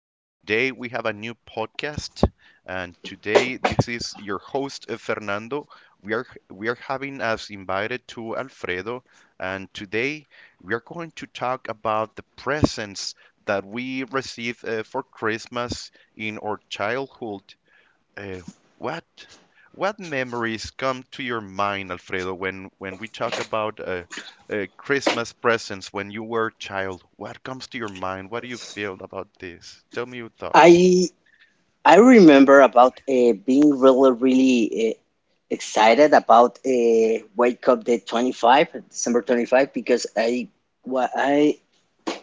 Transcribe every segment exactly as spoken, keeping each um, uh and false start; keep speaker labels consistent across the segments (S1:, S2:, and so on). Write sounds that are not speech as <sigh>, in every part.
S1: Uh, today we have a new podcast, and today this is your host uh, Fernando. We are we are having us invited to Alfredo, and today we are going to talk about the presents that we receive uh, for Christmas in our childhood. Uh, what what memories come to your mind, Alfredo, when when we talk about uh, uh, Christmas presents when you were a child? What comes to your mind? What do you feel about this? Tell me your thoughts.
S2: I I remember about uh, being really really uh, excited about uh, Wake Up the twenty-five, December twenty-fifth, because I wa I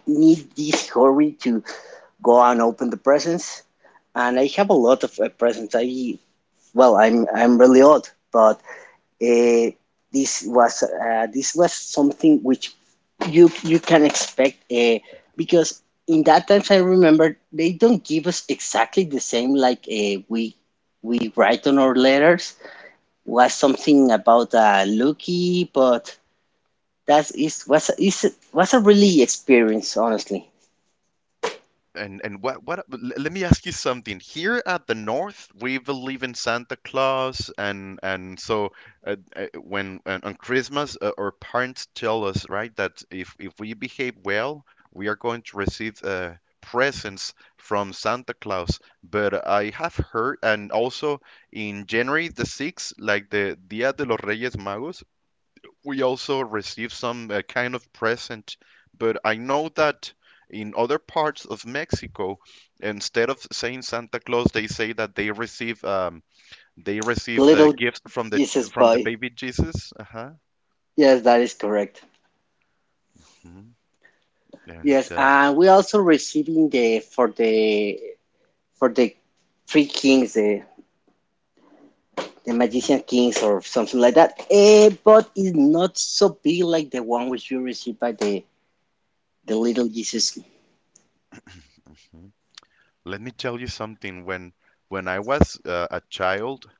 S2: need this hurry to go and open the presents, and I have a lot of uh, presents. I, well, I'm I'm really old, but Eh, this was uh, this was something which you you can expect uh, because in that times I remember they don't give us exactly the same like uh, we we write on our letters was something about uh, Lucky, but that is was is was a really experience honestly.
S1: And and what what l- Let me ask you something. Here at the North, we believe in Santa Claus, and and so uh, uh, when on on Christmas, uh, our parents tell us, right, that if if we behave well, we are going to receive uh, presents from Santa Claus. But I have heard, and also in January the sixth, like the Dia de los Reyes Magos, we also received some uh, kind of present, but I know that in other parts of Mexico, instead of saying Santa Claus, they say that they receive um, they
S2: The
S1: receive uh,
S2: little
S1: gifts from the
S2: Jesus
S1: from the
S2: boy.
S1: baby Jesus. Uh-huh.
S2: Yes, that is correct.
S1: Mhm. And
S2: Yes,
S1: uh,
S2: and we also receiving the for the for the three kings. Eh, the
S1: Mhm.
S2: Magician Kings or something like that. Eh, but it's not so big like the one which you received by the the Little Jesus.
S1: Mhm. Let me tell you something. When when I was uh, a child,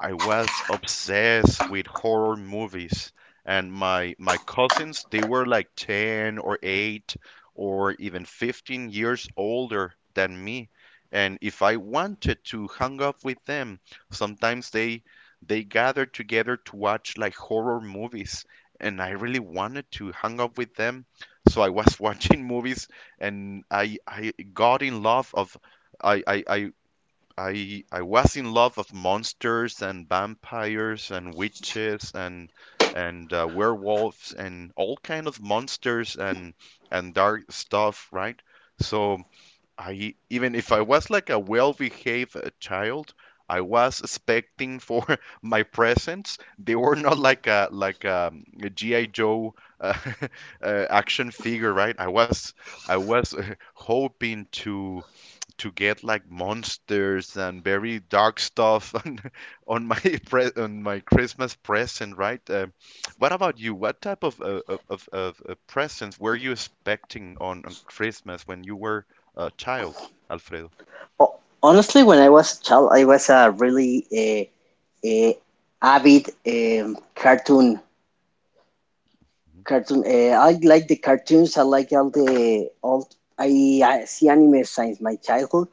S1: I was obsessed with horror movies, and my my cousins they were like ten or eight or even fifteen years older than me. And if I wanted to hang up with them, sometimes they they gathered together to watch like horror movies, and I really wanted to hang up with them. So I was <laughs> watching movies, and I I got in love of I I, I I I was in love of monsters and vampires and witches and and uh, werewolves and all kind of monsters and and dark stuff, right? So I even if I was like a well-behaved uh, child, I was expecting for <laughs> my presents. They were not like a like um, a, G I. Joe uh, <laughs> uh, action figure, right? I was I was <laughs> uh, hoping to to get like monsters and very dark stuff <laughs> on on my pre- on my Christmas present, right? Um, what about you? What type of uh, of of of, uh, presents were you expecting on on Christmas when you were a child, Alfredo?
S2: Oh, honestly, when I was a child, I was a really eh, eh, avid um, cartoon
S1: Mhm.
S2: cartoon. Eh, I like the cartoons. I like all the all. I, I see anime since my childhood,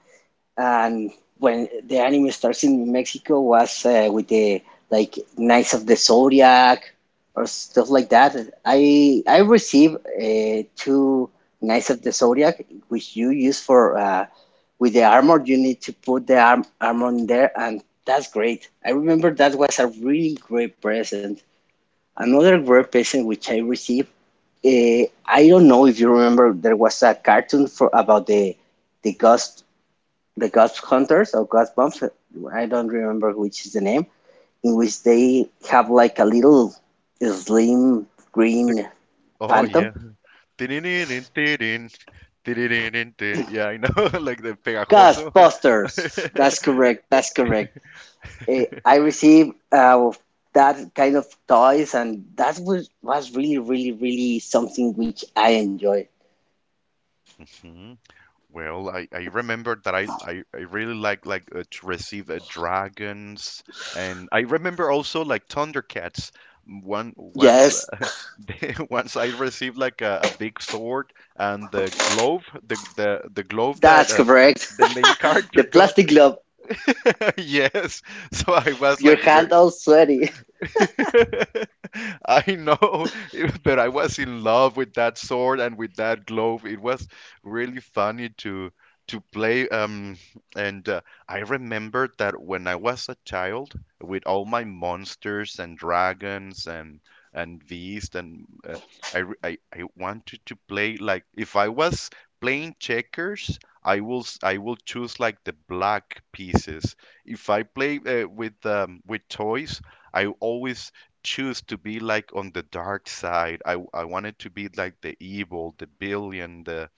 S2: and when the anime starts in Mexico was uh, with the like Knights of the Zodiac or stuff like that. I I received uh, two Knights of the Zodiac, which you use for uh, with the armor. You need to put the arm, armor in there, and that's great. I remember that was a really great present. Another great present which I received. Uh, I don't know if you remember there was a cartoon for about the the ghost the Ghost Hunters or Ghost Bumps, I don't remember which is the name, in which they have like a little slim
S1: The,
S2: green
S1: oh
S2: phantom.
S1: yeah, Tiririn, tiririn, tiririn, tirin. Yeah, I know, <laughs> like the pegajoso.
S2: Ghostbusters. That's
S1: <laughs>
S2: correct. That's correct. Eh, I received uh, that kind of toys, and that was was really, really, really something which I enjoy.
S1: Well, I, I remember that I, I, I really like like uh, to receive uh, dragons, and I remember also like Thundercats. One Once
S2: Yes,
S1: uh, <laughs> once I received like a, a big sword and the glove, the the, the glove that
S2: that's
S1: uh,
S2: correct.
S1: the main
S2: <laughs> The
S1: character got.
S2: plastic glove,
S1: <laughs> Yes, so I was
S2: your
S1: like
S2: hand
S1: very
S2: all sweaty.
S1: <laughs> I know, <laughs> but I was in love with that sword and with that glove. It was really funny to to play. Um, and uh, I remember that when I was a child, with all my monsters and dragons and and beasts, and uh, I, re- I I wanted to play like if I was playing checkers. I will s- I will choose like the black pieces. If I play uh, with um, with toys, I always choose to be like on the dark side. I I wanted to be like the evil, the billion, the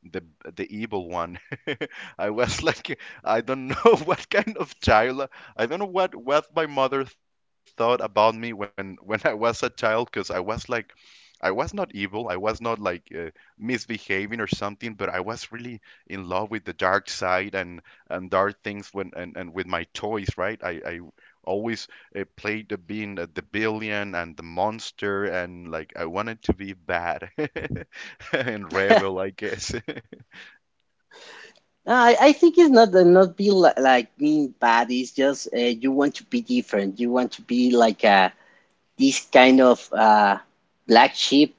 S1: the the evil one. <laughs> I was like, I don't know <laughs> what kind of child. I don't know what what my mother thought about me when <laughs> when I was a child, because I was like, I was not evil. I was not like uh, misbehaving or something, but I was really in love with the dark side and and dark things when and, and with my toys, right? I I always uh, played the being uh, the billion and the monster and like I wanted to be bad. <laughs> And
S2: <laughs>
S1: rebel, I guess. <laughs>
S2: No, I, I think it's not the not be li like being bad. It's just uh, you want to be different. You want to be like uh, this kind of uh, black sheep,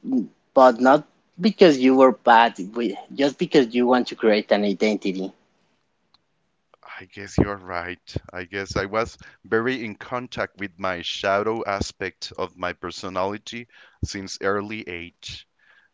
S2: but not because you were bad, we- just because you want to create an identity.
S1: I guess you're right. I guess I was very in contact with my shadow aspect of my personality since early age.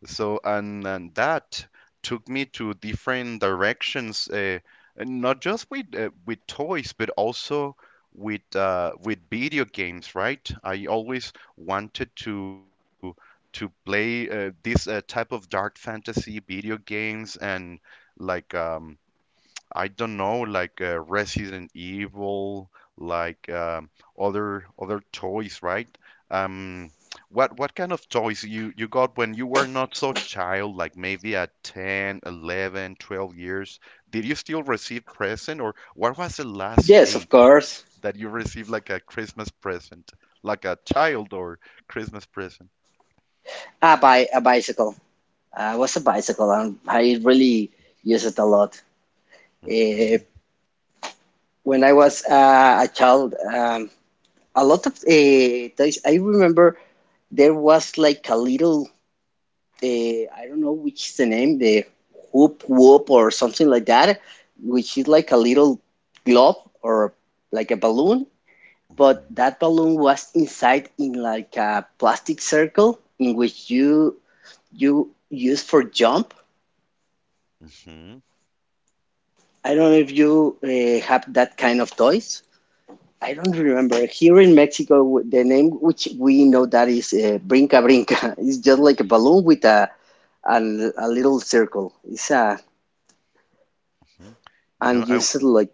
S1: So, and, and that took me to different directions, uh, and not just with uh, with toys, but also with uh, with video games, right? I always wanted to to play uh, this uh, type of dark fantasy video games and like um I don't know, like uh, Resident Evil, like um, other other toys, right? Um, what what kind of toys you you got when you were not so child, like maybe at ten, eleven, twelve years? Did you still receive present, or what was the last
S2: Yes, of
S1: age
S2: course.
S1: that you received like a Christmas present, like a child or Christmas present?
S2: Ah, by a bicycle. I was a bicycle, and I really use it a lot. Uh,
S1: Mhm.
S2: when I was uh, a child, um, a lot of uh, toys. I remember there was like a little, the I don't know which is the name, the whoop whoop or something like that, which is like a little globe or like a balloon. But
S1: Mhm.
S2: that balloon was inside in like a plastic circle in which you you use for jump.
S1: Mhm.
S2: I don't know if you uh, have that kind of toys. I don't remember. Here in Mexico, the name which we know that is uh, brinca brinca. <laughs> It's just like a balloon with a a, a little circle. It's a,
S1: Mhm. You know,
S2: and you
S1: I
S2: said like.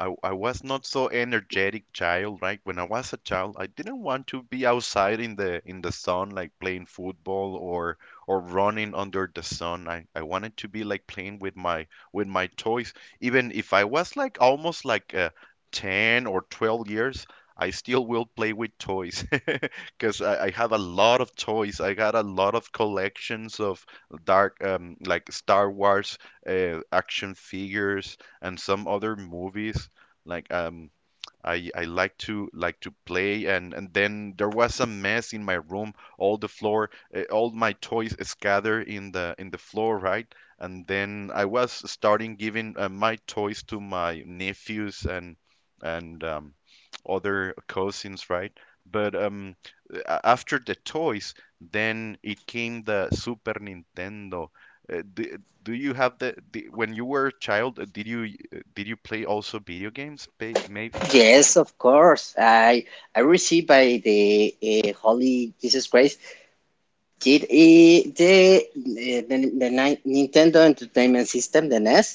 S1: I, I was not so energetic child, right? When I was a child, I didn't want to be outside in the in the sun, like playing football or or running under the sun. I, I wanted to be like playing with my with my toys. Even if I was like almost like uh, ten or twelve years, I still will play with toys <laughs> because I, I have a lot of toys. I got a lot of collections of dark um, like Star Wars uh, action figures and some other movies like um I, I like to like to play and, and then there was a mess in my room all the floor uh, all my toys scattered in the in the floor, right? And then I was starting giving uh, my toys to my nephews and and um, other cousins, right? but um, a- After the toys then it came the Super Nintendo. Uh, do, do you have the, the when you were a child uh, did you uh, did you play also video games ba- maybe
S2: Yes, of course. I I received by the uh, Holy Jesus Christ did uh, the, uh, the the Ni- Nintendo Entertainment System, the N E S,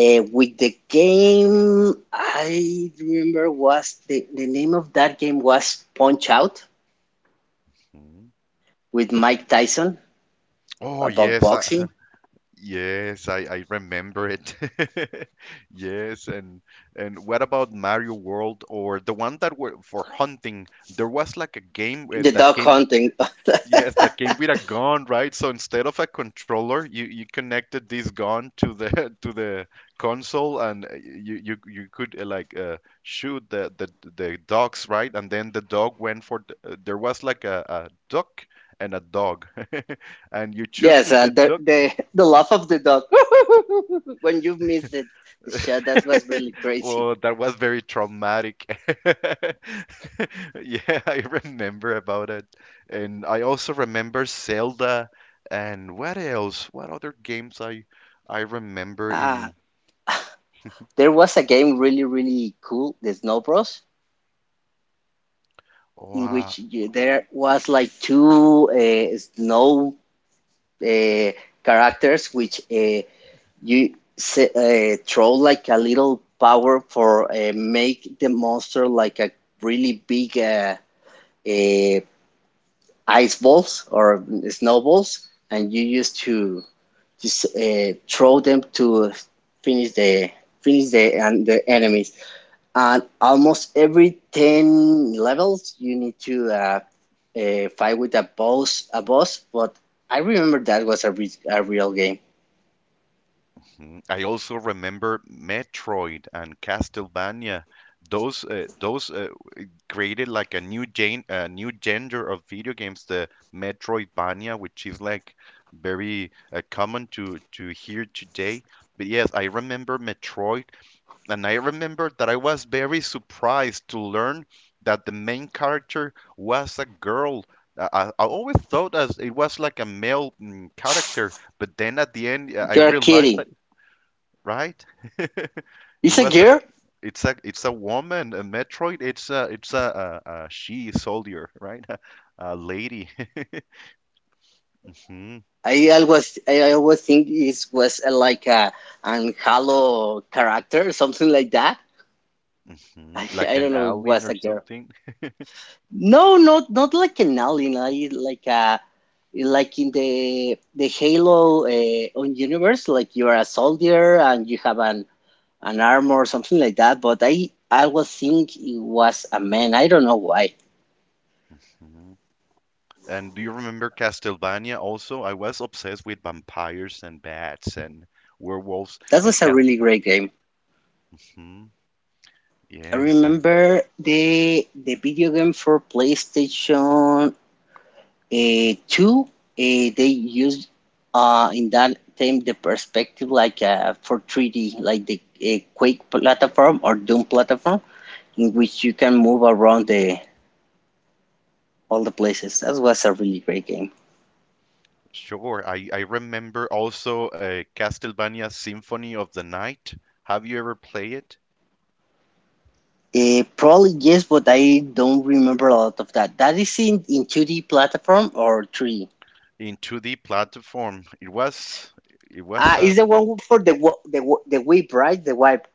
S2: uh, with the game. I remember was the, the name of that game was Punch Out
S1: Mhm.
S2: with Mike Tyson
S1: Oh
S2: about
S1: yes, I,
S2: boxing,
S1: yes, I, I remember it. <laughs> Yes, and and what about Mario World or the one that were for hunting? There was like a game uh,
S2: the
S1: that
S2: dog
S1: came.
S2: hunting.
S1: Yes, that came with a gun, right? So instead of a controller, you, you connected this gun to the <laughs> to the console, and uh, you you, you could uh, like uh, shoot the, the the dogs, right? And then the dog went for the, uh, there was like a, a duck and a dog, <laughs> and you
S2: <laughs>
S1: shoot
S2: yes,
S1: to
S2: uh,
S1: the
S2: the
S1: duck,
S2: the the laugh of the dog <laughs> when you missed the, the shot. That was
S1: <laughs>
S2: really crazy.
S1: Oh, that was very traumatic. <laughs> Yeah, I remember about it. And I also remember Zelda and what else? What other games I I remember
S2: Ah,
S1: in
S2: There was a game really, really cool, the Snow Bros,
S1: oh,
S2: in
S1: uh,
S2: which you, there was like two uh, snow uh, characters which uh, you se- uh, throw like a little power for uh, make the monster like a really big uh, uh, ice balls or snowballs, and you used to just uh, throw them to finish the finish the and the enemies. And almost every ten levels you need to uh, uh, fight with a boss a boss but I remember that was a, re- a real game.
S1: hmm, I also remember Metroid and Castlevania. Those uh, those uh, created like a new gen a new genre of video games, the Metroidvania, which is like very uh, common to to hear today. But yes, I remember Metroid, and I remember that I was very surprised to learn that the main character was a girl. I, I I always thought as it was like a male mm, character, but then at the end, uh, I
S2: You're
S1: realized
S2: kidding.
S1: that, right? <laughs> It
S2: It's a
S1: was a
S2: girl.
S1: it's a it's a woman, a Metroid. It's a it's a, a, a she soldier, right? <laughs> A lady, <laughs> Mhm.
S2: I always i always think it was uh, like a an halo character or something like that. <laughs>
S1: Mhm.
S2: I,
S1: Like
S2: I don't
S1: an
S2: know if it
S1: alien
S2: was
S1: or
S2: a girl.
S1: something.
S2: No, not not like an alien like like a like in the the Halo uh, on universe, like you are a soldier and you have an an armor or something like that. But I I was think it was a man. I don't know why.
S1: Mhm. And do you remember Castlevania? Also, I was obsessed with vampires and bats and werewolves
S2: That
S1: and
S2: was a really
S1: Castle.
S2: great game.
S1: Mhm.
S2: I
S1: Yes, and
S2: remember the the video game for PlayStation uh, Two. Uh, they used uh, in that time the perspective like uh, for three D, like the uh, Quake platform or Doom platform, in which you can move around the all the places. That was a really great game.
S1: sure. I I remember also uh, Castlevania Symphony of the Night. Have you ever played it
S2: Uh, probably yes, but I don't remember a lot of that. That is in in two D platform or three D.
S1: in two D platform? It was it was
S2: Ah,
S1: a
S2: is the one for the wa- the wa- the whip, right? The wipe.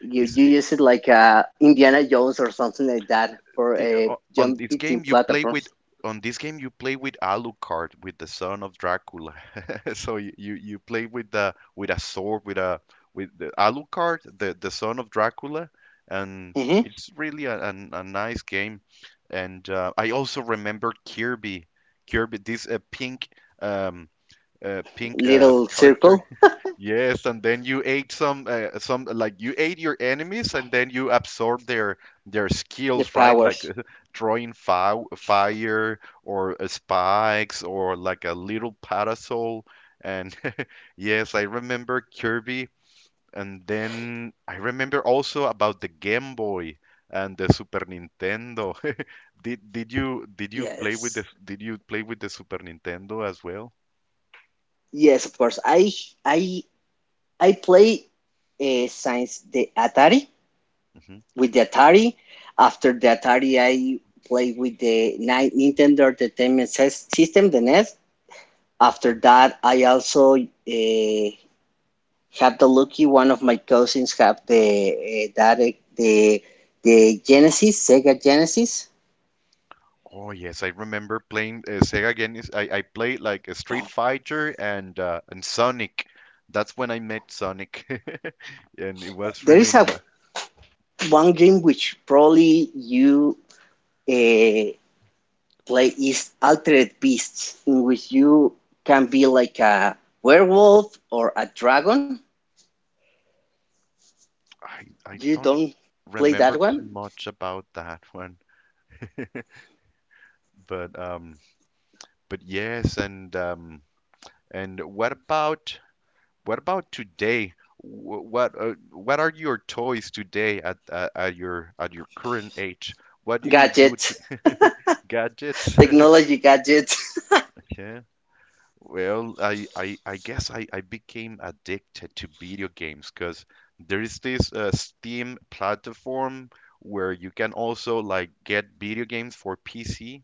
S2: You
S1: is
S2: you use it like uh Indiana Jones or something like that for
S1: I-
S2: a
S1: o- on
S2: jump
S1: this
S2: between
S1: game you play with
S2: platforms.
S1: on this game you play with Alucard, with the son of Dracula. <laughs> So you, you you play with the with a sword, with a with the Alucard, the the son of Dracula, and
S2: Hmm.
S1: it's really a, a, a nice game. And uh, I also remember Kirby, Kirby, this uh, pink um uh, pink uh,
S2: Little
S1: character.
S2: circle,
S1: Yes, and then you ate some uh, some like you ate your enemies and then you absorb their their
S2: the
S1: skills, right? Like
S2: powers.
S1: <laughs> throwing fi fire or uh, spikes or like a little parasol. And <laughs> yes, I remember Kirby. And then I remember also about the Game Boy and the Super Nintendo. <laughs> Did did you did you play with
S2: Yes.
S1: the did you play with the Super Nintendo as well?
S2: Yes, of course. I I I play uh, since the Atari, with the Atari. After the Atari, I played with the Nintendo Entertainment System, the N E S. After
S1: Hmm.
S2: that, I also uh, had the lucky one of my cousins have the uh, that uh, the the Genesis, Sega Genesis.
S1: Oh yes, I remember playing uh, Sega Genesis. I, I played like a Street Fighter and uh, and Sonic. That's when I met Sonic, <laughs> and it was
S2: There
S1: really.
S2: is a
S1: N-
S2: one game which probably you uh, play is Altered Beasts, in which you can be like a werewolf or a dragon.
S1: I I
S2: You
S1: don't
S2: don't play that
S1: remember too
S2: one?
S1: much about that one, but um, but yes, and um, and what about what about today? Wh- What uh, what are your toys today at, at at your at your current age? What do you do to
S2: Gadgets,
S1: <laughs> gadgets?
S2: technology gadgets. <laughs>
S1: <laughs> Well, I, I, I guess I, I became addicted to video games because there is this uh, Steam platform where you can also like get video games for P C,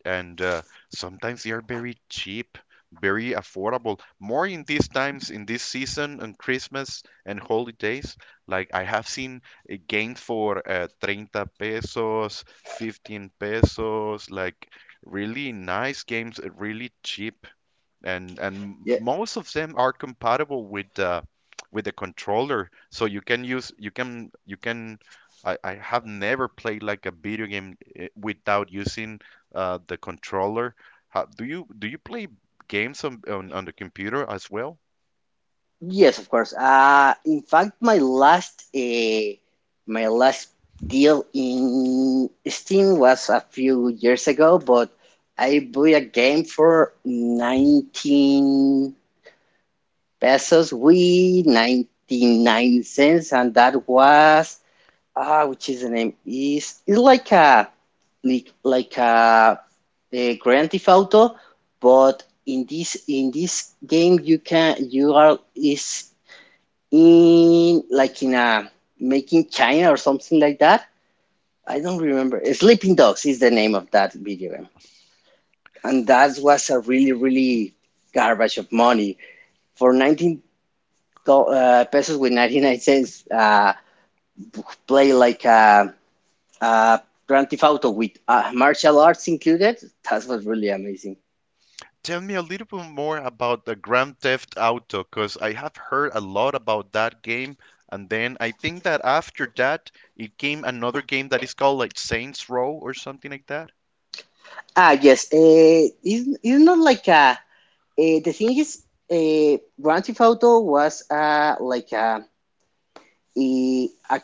S1: and uh, sometimes they are very cheap, very affordable. More in these times, in this season, on Christmas and holidays. Like I have seen uh, games for uh, thirty pesos, fifteen pesos, like really nice games, uh, really cheap and and
S2: Yeah.
S1: most of them are compatible with the with the controller, so you can use you can you can I, I have never played like a video game eh, without using uh, the controller. How, do you do you play games on, on on the computer as well?
S2: Yes, of course. Uh, in fact, my last uh, my last deal in Steam was a few years ago, but I bought a game for nineteen pesos with ninety-nine cents, and that was ah, which is the name is it's like a like like a, a Grand Theft Auto, but in this in this game you can you are is in like in a making China or something like that. I don't remember. Sleeping Dogs is the name of that video game, and that was a really really garbage of money for nineteen do- uh, pesos with ninety nine cents. Uh, play like a Uh, Grand Theft Auto with uh, martial arts included. That was really amazing.
S1: Tell me a little bit more about the Grand Theft Auto, because I have heard a lot about that game, and then I think that after that it came another game that is called like Saints Row or something like that.
S2: Ah, yes. Uh, it's, it's not like a. Uh, the thing is, uh, Grand Theft Auto was uh, like a, a, a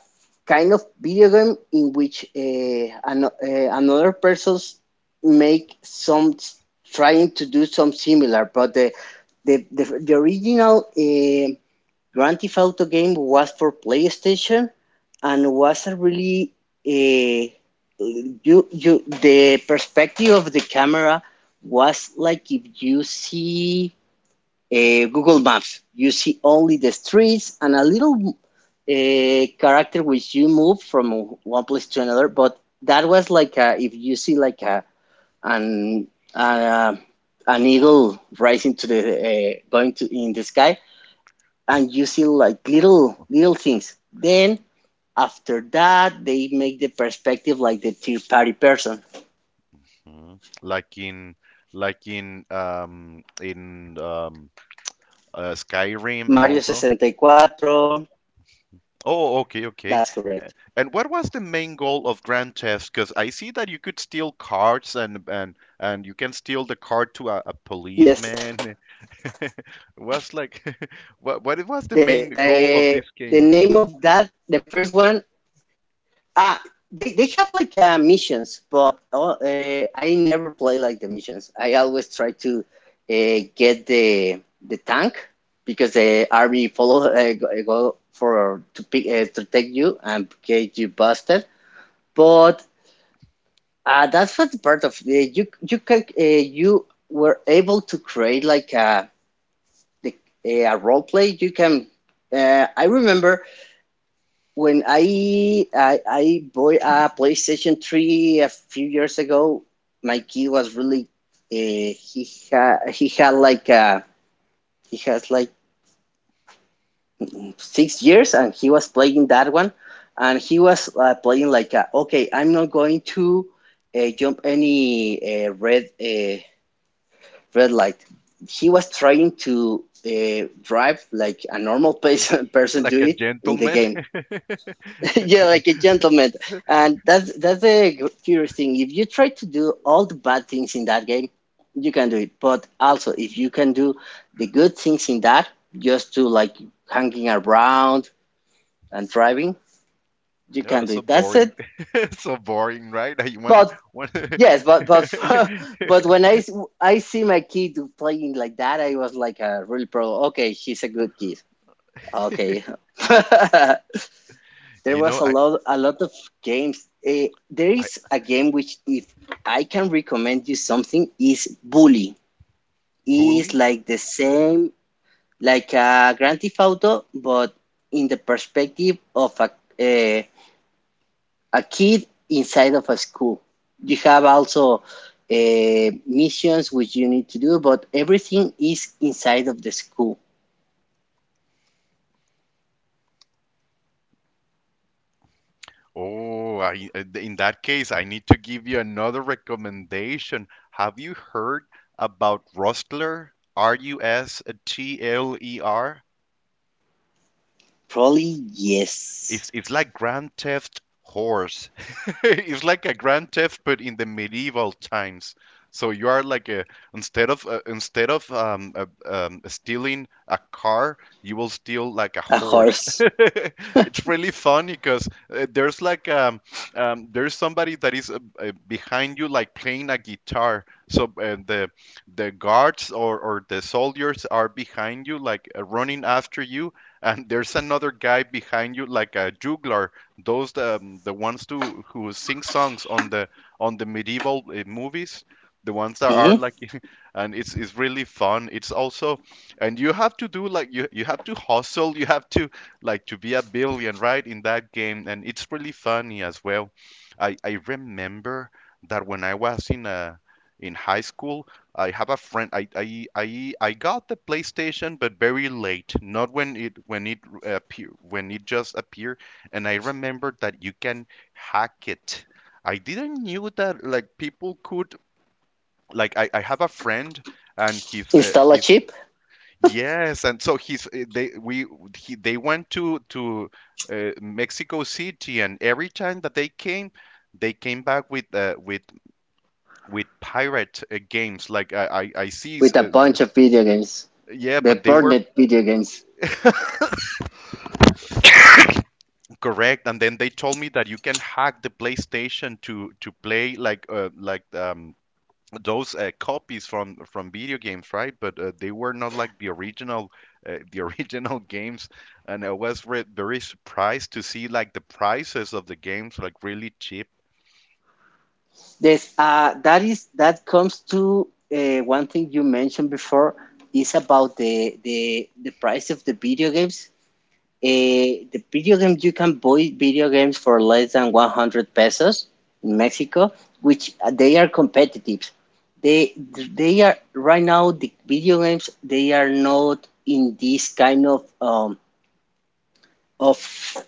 S2: kind of video game in which uh, an, uh, another person's make some trying to do some similar, but the the the, the original. Uh, Grand Theft Auto game was for PlayStation and was a really uh, you you the perspective of the camera was like if you see uh, Google Maps, you see only the streets and a little uh, character which you move from one place to another. But that was like a, if you see like a an uh, an eagle rising to the uh, going to in the sky, and using like little little things. Then after that, they make the perspective like the third party person.
S1: Mhm. Like in like in um in um uh,
S2: Mario
S1: Skyrim and all that.
S2: sixty-four. That's
S1: Oh, okay,
S2: correct.
S1: okay. And what was the main goal of Grand Theft? Because I see that you could steal cards and and and you can steal the card to a, a
S2: Yes. <laughs>
S1: policeman. <laughs> Was like <laughs> what
S2: The
S1: what was the
S2: the
S1: main
S2: the
S1: goal of
S2: name
S1: this
S2: of
S1: game?
S2: that the first one. Ah, they they have like uh, missions, but uh, uh, I never play like the missions. I always try to uh, get the the tank because the army follow uh, go uh, go for to pick uh, to take you and get you busted. But uh, that's what the part of uh, you you can uh, you were able to create like a the, uh, a role play. You can uh, I remember when I I, I bought a PlayStation Three a few years ago, my kid was really uh, he had he had like a, he has like six years and he was playing that one, and he was uh, playing like a, okay, I'm not going to uh, jump any uh, red uh, red light. He was trying to uh, drive like a normal <laughs> person
S1: <laughs>
S2: person do
S1: Like a
S2: it in the
S1: gentleman?
S2: game.
S1: <laughs>
S2: <laughs> yeah, like a gentleman. And that's that's the curious thing. If you try to do all the bad things in that game, you can do it. But also, if you can do the good things in that, just to like hanging around and driving, you can
S1: Oh,
S2: do
S1: so
S2: it. That's it.
S1: boring. <laughs> So boring, right? <laughs> I want
S2: But
S1: one. <laughs>
S2: yes, but but <laughs> but when I s- I see my kid playing like that, I was like a really pro. Okay, he's a good kid. Okay. <laughs> There
S1: you
S2: was
S1: know,
S2: a
S1: I
S2: lot, a lot of games. Eh, there
S1: I
S2: is a game which, if I can recommend you something, is Bully. Is
S1: bully.
S2: like the same, like a Grand Theft Auto, but in the perspective of a eh, a kid inside of a school. You have also uh, missions which you need to do, but everything is inside of the school.
S1: Oh, I, uh, th- in that case, I need to give you another recommendation. Have you heard about Rustler? R U S T L E R?
S2: Probably yes,
S1: It's it's like Grand Theft Horse. <laughs> It's like a Grand Theft, but in the medieval times. So you are like a instead of uh, instead of um, uh, um, stealing a car, you will steal like a
S2: a
S1: horse. <laughs>
S2: horse.
S1: It's really funny because uh, there's like um, um, there's somebody that is uh, uh, behind you like playing a guitar. So uh, the the guards or, or the soldiers are behind you like uh, running after you, and there's another guy behind you like a juggler, those um, the ones to who sing songs on the on the medieval uh, movies, the ones that are
S2: Hmm.
S1: like <laughs> and it's it's really fun, it's also and you have to do like you you have to hustle, you have to like to be a billion right in that game, and it's really funny as well. I i remember that when I was in a in high school, I have a friend. I I I, I got the PlayStation, but very late. Not when it when it appear, when it just appeared. And I remembered that you can hack it. I didn't knew that like people could like I, I have a friend, and he's uh,
S2: Install a
S1: he's
S2: chip,
S1: yes, and so he's uh, they we he, they went to to uh, Mexico City, and every time that they came, they came back with uh, with with pirate uh, games like I, I, I see s-
S2: with a
S1: uh,
S2: bunch of video games,
S1: Yeah,
S2: the
S1: but they were
S2: Burnet video games.
S1: correct, and then they told me that you can hack the PlayStation to to play like uh, like um those uh, copies from from video games, right? But uh, they were not like the original uh, the <laughs> original games, and I was re very surprised to see like the prices of the games like really cheap.
S2: This uh, that is that comes to uh, One thing you mentioned before is about the the the price of the video games. Uh, the video games, you can buy video games for less than one hundred pesos in Mexico, which uh, they are competitive. They they are right now, the video games, they are not in this kind of um, of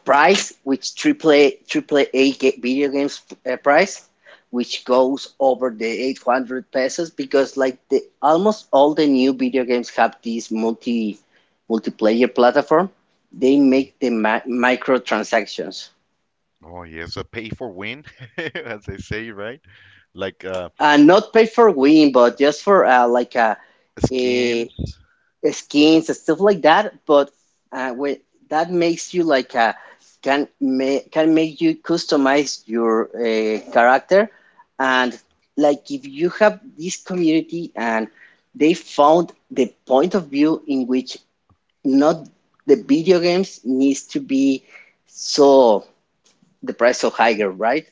S2: price, which triple A, triple A video games uh, price, which goes over the eight hundred pesos, because like the almost all the new video games have this multi multiplayer platform. They
S1: Hmm.
S2: make the mi- microtransactions,
S1: Oh yes, a pay for win, <laughs> as they say, right? Like uh,
S2: and uh, not pay for win, but just for uh, like a, a
S1: skins.
S2: skins and stuff like that. But uh, with, that makes you like a, can ma- can make you customize your uh, character. And like, if you have this community and they found the point of view in which, not, the video games needs to be so, the price so higher, right?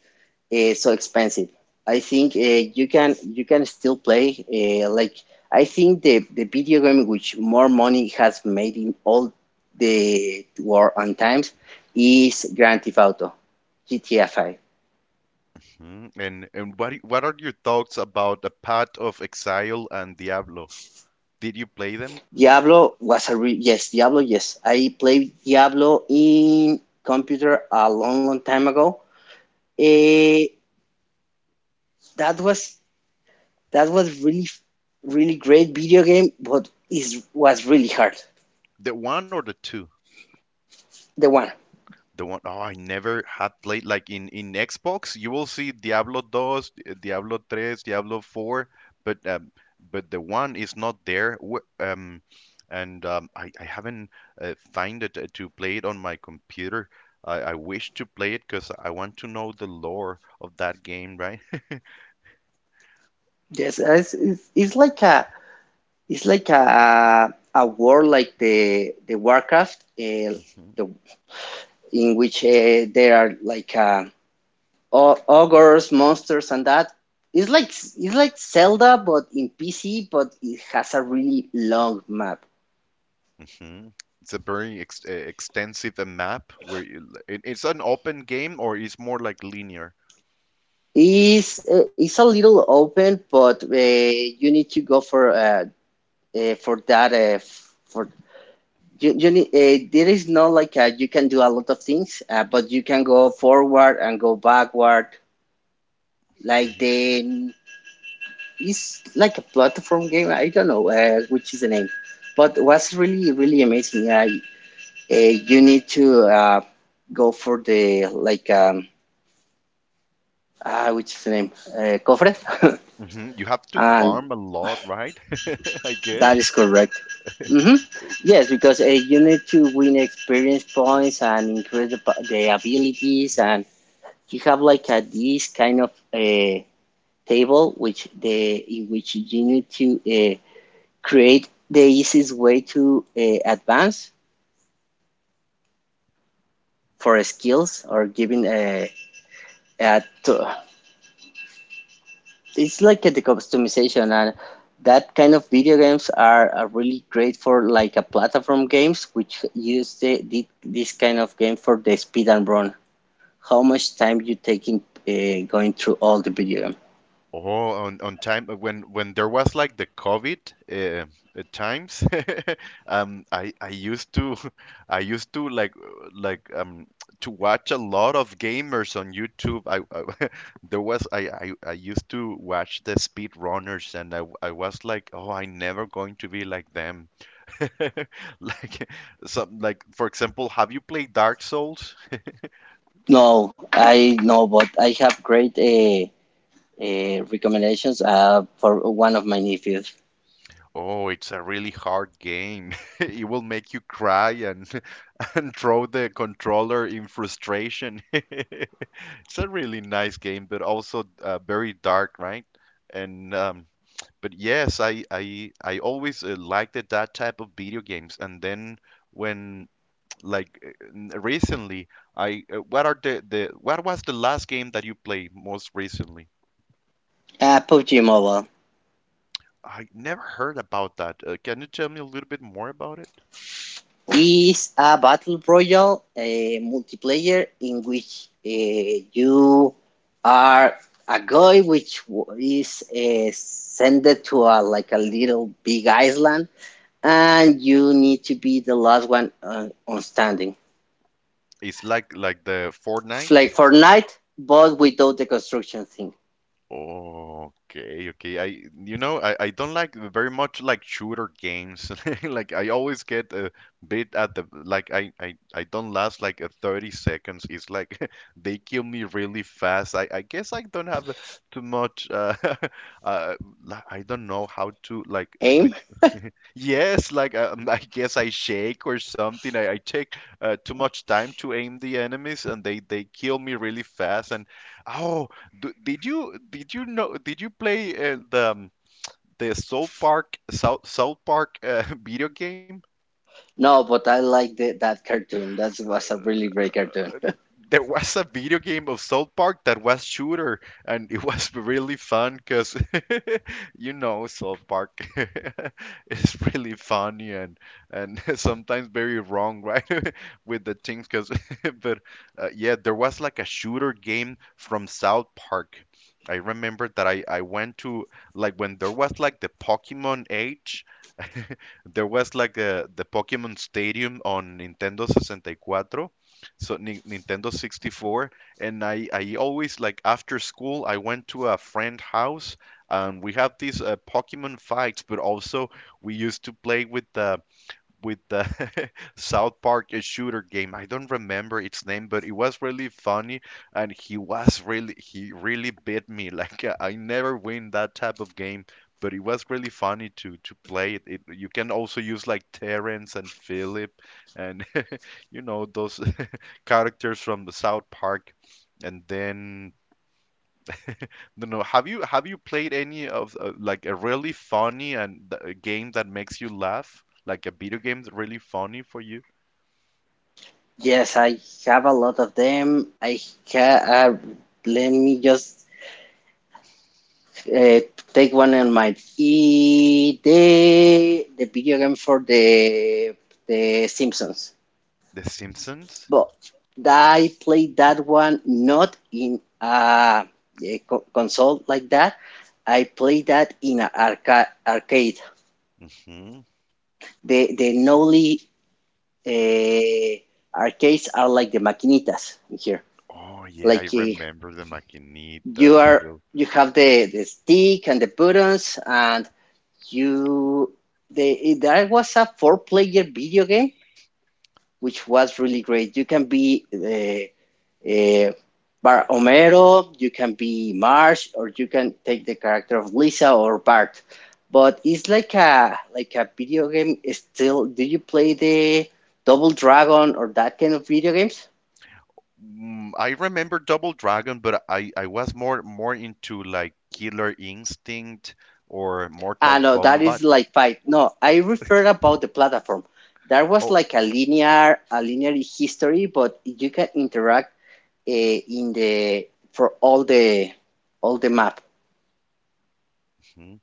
S2: Uh, so expensive. I think uh, you can you can still play. Uh, like, I think the the video game which more money has made in all the war on times is Grand Theft Auto, G T A five.
S1: Mhm. And and what i- what are your thoughts about the Path of Exile and Diablo? Did you play them?
S2: Diablo was a re- yes, Diablo, yes. I played Diablo in computer a long, long time ago. Eh, that was that was really really great video game, but is was really hard.
S1: The one or the two?
S2: The one.
S1: The one. Oh, I never had played like in in Xbox. You will see Diablo two, eh, Diablo three, Diablo four, but um, but the one is not there. Wh- Um, and um, I, I haven't uh, find it uh, to play it on my computer. I, I wish to play it because I want to know the lore of that game, right? <laughs>
S2: Yes, it's, it's, it's like a, it's like a a war, like the the Warcraft, uh,
S1: Mhm,
S2: the in which uh, there are like uh, ogres, monsters, and that. It's like it's like Zelda, but in P C, but it has a really long map.
S1: mhm. It's a very ex uh, extensive uh, map where you, it, it's an open game or it's more like linear.
S2: It's uh, it's a little open, but uh, you need to go for uh, uh, for that uh, for you, you need, uh, there is no like, uh you can do a lot of things, uh, but you can go forward and go backward. Like the It's like a platform game. I don't know uh, which is the name, but was really really amazing. I uh, You need to uh, go for the, like, um ah which is the name, uh, cofre, <laughs>
S1: Hmm. You have to
S2: and
S1: farm a lot, right? <laughs> I guess.
S2: that is correct. Mm-hmm. Yes, because uh, you need to win experience points and increase the, pa- the abilities, and you have like a this kind of a uh, table which the, in which you need to uh, create the easiest way to uh, advance for skills or giving a, a it's like a customization. And that kind of video games are, are really great for like a platform games, which use the, the this kind of game for the speed and run, how much time you taking uh, going through all the video game.
S1: Oh, on on time uh, when when there was like the COVID uh, uh, times, <laughs> um, I I used to <laughs> I used to like uh, like um to watch a lot of gamers on YouTube. I, I <laughs> there was I, I I used to watch the speed runners, and I w- I was like, oh, I never going to be like them. <laughs> Like some like, for example, have you played Dark Souls?
S2: No, I know, but I have great uh, uh, recommendations uh, for one of my nephews.
S1: Oh, it's a really hard game. <laughs> It will make you cry, and <laughs> and throw the controller in frustration. <laughs> It's a really nice game, but also uh, very dark, right? And um, but yes, I I I always uh, liked it, that type of video games. And then when <tsk> like uh, n- recently, I uh, what are the the what was the last game that you played most recently?
S2: Uh, PUBG Mobile
S1: I never heard about that. Uh, can you tell me a little bit more about it?
S2: is a battle royale uh, multiplayer, in which uh, you are a guy which is uh, sent to a, like, a little big island, and you need to be the last one uh, on standing.
S1: It's like like the
S2: It's
S1: Fortnite.
S2: like Fortnite, but without the construction thing.
S1: Okay, okay. I, you know, I, I don't like very much like shooter games. <laughs> Like I always get a bit at the like I I, I don't last like a thirty seconds. It's like <laughs> they kill me really fast. I, I guess I don't have too much uh, <laughs> uh li- I don't know how to like with.
S2: Aim?
S1: Yes, like um, <laughs> I guess I shake or something. I, I take uh, too much time to aim the enemies, and they they kill me really fast. And oh, d did you did you know did you play uh, the um, the South Park South South Park uh, <laughs> video game?
S2: No, but I like the, that cartoon. That was a really great cartoon.
S1: There was a video game of South Park that was shooter, and it was <laughs> really fun because <laughs> you know South Park <laughs> is really funny and and <laughs> sometimes very wrong, right, <laughs> with the things. Because <laughs> but uh, yeah, there was like a shooter game from South Park. I remember that I I went to like when there was like the Pokemon age. <laughs> there was like a, the Pokemon Stadium on Nintendo sixty-four, so Nin- Nintendo sixty-four, and I I always like after school I went to a friend house, and we had these uh, Pokemon fights, but also we used to play with the with the <laughs> South Park uh, shooter game. I don't remember its name, but it was really funny, and he was really he really beat me <laughs> like uh, I never win that type of game, but it was really funny to to play it. It you can also use like Terrence and Philip, and <laughs> you know those characters from the South Park. And then, I don't know, have you have you played any of uh, like a really funny and th- a game that makes you laugh? Like a video game that's really funny for you?
S2: Yes, I have a lot of them. I ca uh, Let me just uh, take one in mind. E the the video game for the the Simpsons,
S1: The Simpsons?
S2: but I played that one not in a, a co- console like that. I played that in an arca arcade.
S1: Hmm.
S2: The the Nolly uh, arcades are like the maquinitas in here,
S1: Oh yeah,
S2: like
S1: I
S2: uh,
S1: remember the
S2: you
S1: maquinitas. As
S2: are,
S1: well.
S2: you have the, the stick and the buttons, and you the that was a four player video game which was really great. You can be the uh, Bar Omero, you can be Marsh, or you can take the character of Lisa or Bart. But it's like a, like a video game. Still, do you play the Double Dragon or that kind of video games?
S1: Mm, I remember Double Dragon, but I, I was more more into like Killer Instinct or
S2: Ah,
S1: Mortal
S2: no, that
S1: Kombat.
S2: is like fight. No, I refer about the platform. That was
S1: Oh,
S2: like a linear, a linear history, but you can interact uh, in the, for all the, all the map.
S1: hmm.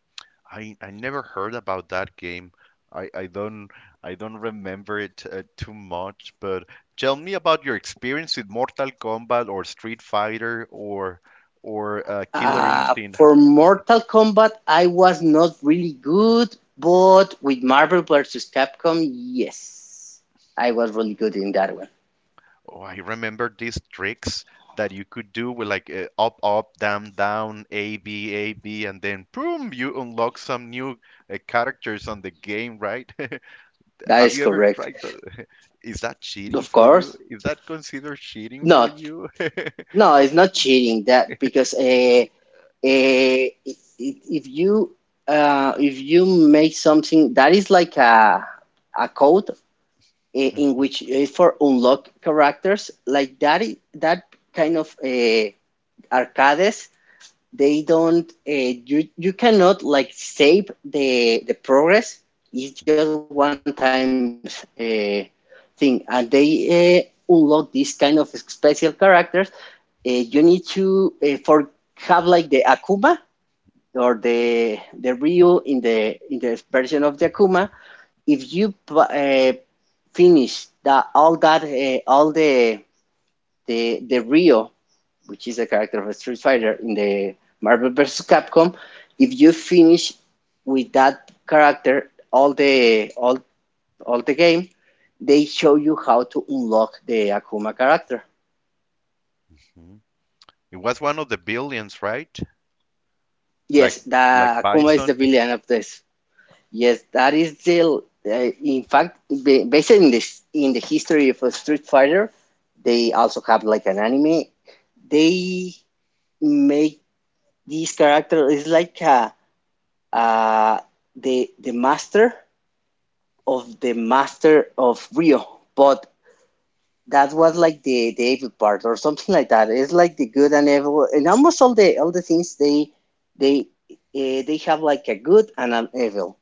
S1: I I never heard about that game. I, I don't I don't remember it uh, too much, but tell me about your experience with Mortal Kombat or Street Fighter or or uh, Killer
S2: Uh,
S1: Instinct. Ha-
S2: for Mortal Kombat, I was not really good, but with Marvel versus Capcom, yes, I was really good in that one.
S1: Oh, I remember these tricks that you could do with like uh, up up down down A B A B, and then boom you unlock some new uh, characters on the game, right? <laughs>
S2: That
S1: Have
S2: is
S1: you ever
S2: correct,
S1: tried that? Is that cheating
S2: of
S1: for you?
S2: course.
S1: Is that considered cheating for
S2: No.
S1: you? <laughs>
S2: No, it's not cheating that, because uh, uh, if you uh, if you make something that is like a a code, eh, in
S1: Mhm.
S2: which is for unlock characters like that, i- that kind of uh, arcades, they don't uh, you, you cannot like save the the progress. It's just one time uh, thing, and they uh, unlock these kind of special characters. Uh, you need to uh, for have like the Akuma or the the Ryu in the in the version of the Akuma. If you uh, finish that all that uh, all the the the Ryu, which is a character of Street Fighter in the Marvel versus. Capcom, if you finish with that character all the all all the game, they show you how to unlock the Akuma character.
S1: Mhm. It was one of the billions, right?
S2: Yes,
S1: Like
S2: the
S1: like
S2: Akuma is the
S1: Bison.
S2: villain of this. Yes, that is the. Uh, in fact, ba- based in this, in the history of uh, Street Fighter, they also have like an anime. They make this character is like a, uh, the the master of the master of Rio, but that was like the, the evil part or something like that. It's like the good and evil, and almost all the all the things, they they uh, they have like a good and an evil,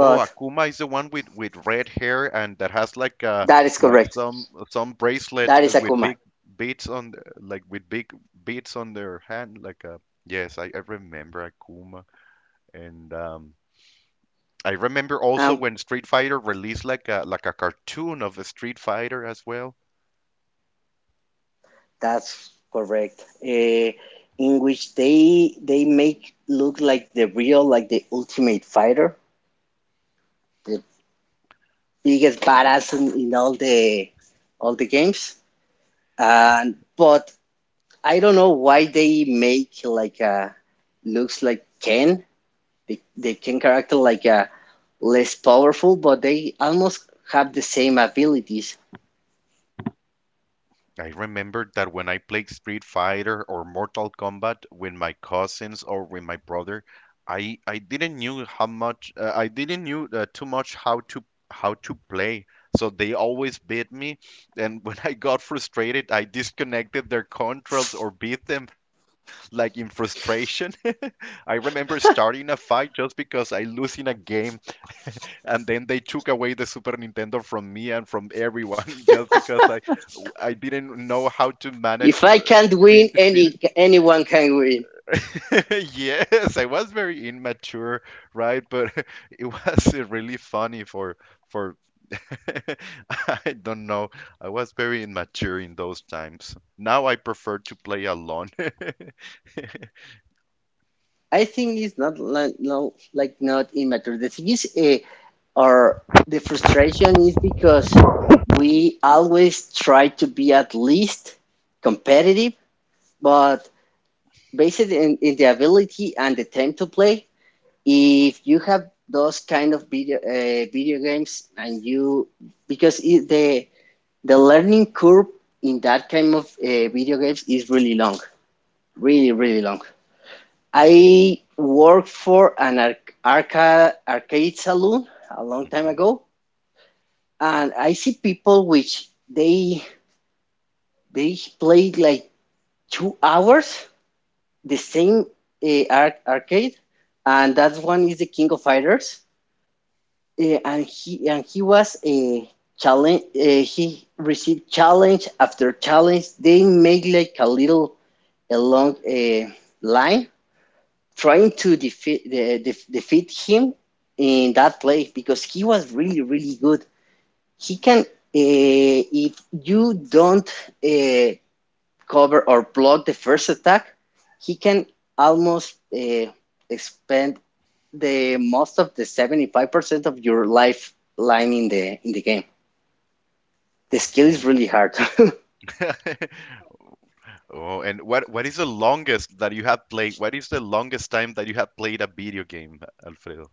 S1: Oh, Akuma is the one with with red hair and that has like uh
S2: that is
S1: like
S2: correct.
S1: some some bracelet
S2: That
S1: uh,
S2: is
S1: with
S2: Akuma.
S1: big beads on the, like with big beads on their hand. Like uh yes, I, I remember Akuma and um. I remember also
S2: Um,
S1: when Street Fighter released like a like a cartoon of a Street Fighter as well.
S2: that's correct. Uh, in which they they make look like the real, like the Ultimate Fighter, the biggest badass in, in all the, all the games. And but I don't know why they make like a looks like Ken, the the Ken character like a less powerful, but they almost have the same abilities.
S1: I remembered that when I played Street Fighter or Mortal Kombat with my cousins or with my brother, I I didn't knew how much uh, I didn't knew uh, too much how to how to play. So they always beat me, and <laughs> when I got frustrated, I disconnected their controls or beat them like in frustration. <laughs> I remember starting a fight just because I lose in a game, and then they took away the Super Nintendo from me and from everyone <laughs> just because I I didn't know how to
S2: If
S1: manage
S2: I
S1: uh,
S2: can't win,
S1: being defeated.
S2: any anyone can win.
S1: <laughs> Yes, I was very immature, right? But <laughs> it was uh, really funny for for <laughs> I don't know. I was very immature in those times. Now I prefer to play alone. <laughs>
S2: I think it's not like, no, like, not immature. The thing is, uh, or the frustration is because we always try to be at least competitive, but based in, in the ability and the time to play, if you have those kind of video uh, video games, and you, because it, the the learning curve in that kind of uh, video games is really long, really really long. I worked for an arc- arca- arcade saloon a long time ago, and I see people which they they play like two hours the same uh, ar- arcade, and that one is the King of Fighters, uh, and he and he was a challenge. Uh, he received challenge after challenge. They make like a little a long uh, line, trying to defeat the def defeat him in that play, because he was really really good. He can uh, if you don't uh, cover or block the first attack, he can almost uh, expend the most of the seventy five percent of your lifeline in the in the game. The skill
S1: Mhm.
S2: is really hard.
S1: <laughs> Oh, and what what is the longest that you have played? What is the longest time that you have played a video game, Alfredo?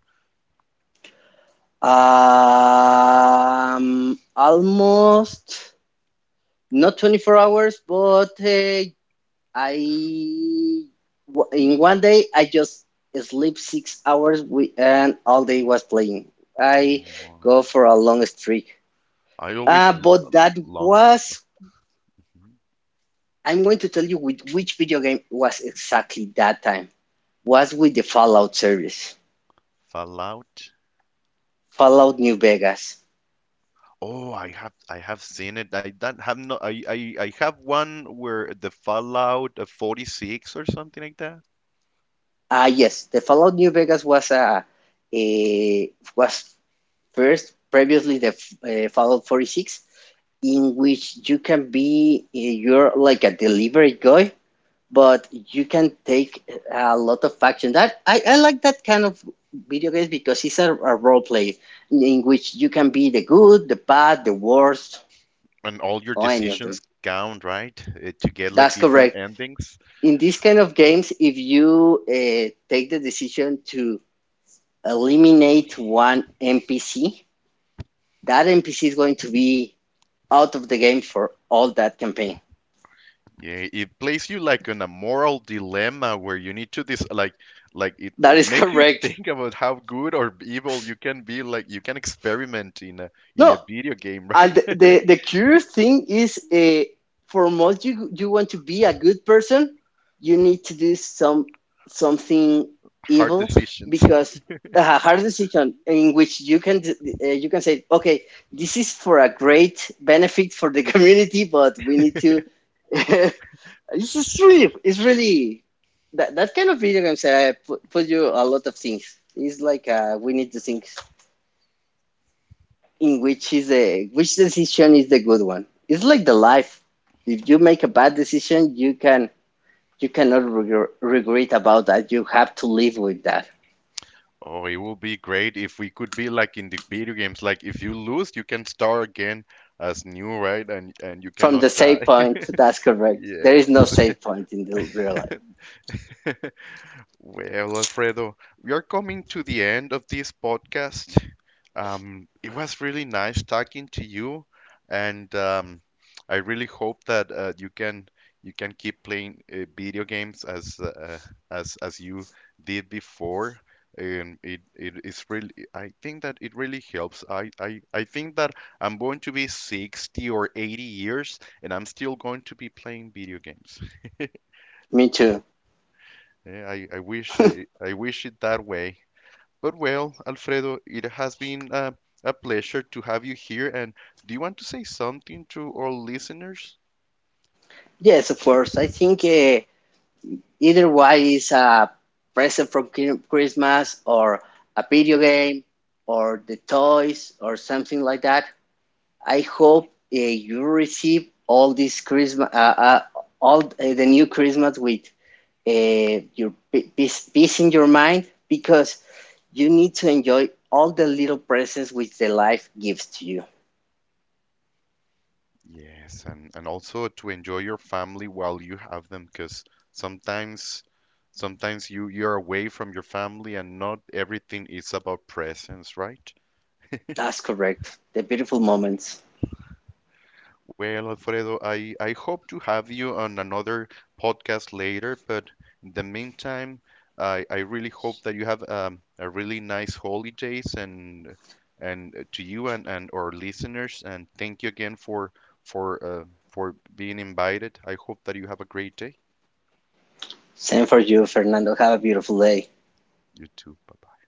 S2: <laughs> um, almost not twenty-four hours, but uh, I w- in one day I just sleep six hours we, and all day was playing. I go
S1: Oh,
S2: for a long streak.
S1: I
S2: Uh,
S1: always l-
S2: but
S1: l-
S2: that
S1: long.
S2: was
S1: Mm-hmm.
S2: I'm going to tell you with which video game was exactly that time. Was with the Fallout series,
S1: Fallout.
S2: Fallout New Vegas.
S1: Oh, I have I have seen it. I don't have no I, I I have one where the Fallout uh, forty-six or something like that.
S2: Ah, yes, the Fallout New Vegas was a, a was first previously the uh, Fallout forty-six, in which you can be, you're like a delivery guy, but you can take a lot of action. That i, I like that kind of video games, because it's a, a role play, in which you can be the good, the bad, the worst,
S1: And all your
S2: or any of
S1: decisions
S2: them.
S1: count, right? Uh, to get like
S2: That's
S1: different
S2: correct.
S1: endings.
S2: In these kind of games, if you uh, take the decision to eliminate one NPC, that NPC is going to be out of the game for all that campaign.
S1: Yeah, it places you like in a moral dilemma where you need to this like like it,
S2: That
S1: it
S2: is <laughs>
S1: makes you <laughs>
S2: correct.
S1: think about how good or evil you can be like, you can experiment in a in
S2: No,
S1: a video game,
S2: and
S1: right?
S2: the the curious thing is, uh, for most, you you want to be a good person, you need to do some something
S1: <laughs> Hard
S2: evil,
S1: decisions.
S2: because a hard decision, in which you can uh, you can say, okay, this is for a great benefit for the <laughs> community, but we need to. <laughs> It's just really, it's really, that that kind of video games uh, put, put you a lot of things. It's like, uh, we need to think in which is the, which decision is the good one. It's like the life. If you make a bad decision, you can, you cannot regr- regret about that. You have to live with that.
S1: Oh, it would be great if we could be like in the video games. Like if you lose, you can start again as new, right? And and you
S2: From
S1: cannot
S2: the save
S1: die.
S2: point, that's
S1: <laughs>
S2: correct.
S1: Yeah.
S2: There is no save point in the real life.
S1: <laughs> Well, Alfredo, we are coming to the end of this podcast. Um, it was really nice talking to you, and um, I really hope that uh, you can you can keep playing uh, video games as uh, as as you did before. Um, it it is really I think that it really helps. I, I I think that I'm going to be sixty or eighty years, and I'm still going to be playing video games.
S2: Me too.
S1: Yeah, I I wish it, I wish it that way. But well, Alfredo, it has been uh, a pleasure to have you here. And do you want to say something to our listeners?
S2: Yes, of course. I think uh, either way is a present from Chri- Christmas, or a video game, or the toys, or something like that. I hope uh, you receive all this Christmas, uh, uh, all uh, the new Christmas with uh, your peace, peace in your mind, because you need to enjoy all the little presents which the life gives to you.
S1: Yes, and, and also to enjoy your family while you have them, because sometimes sometimes you you're away from your family, and not everything is about presents, right?
S2: That's correct. The beautiful moments.
S1: Well, Alfredo, I, I hope to have you on another podcast later, but in the meantime, I, I really hope that you have um, a really nice holidays and and uh, to you and, and our listeners, and thank you again for for uh, for being invited. I hope that you have a great day.
S2: Same for you, Fernando. Have a beautiful day.
S1: You too. Bye.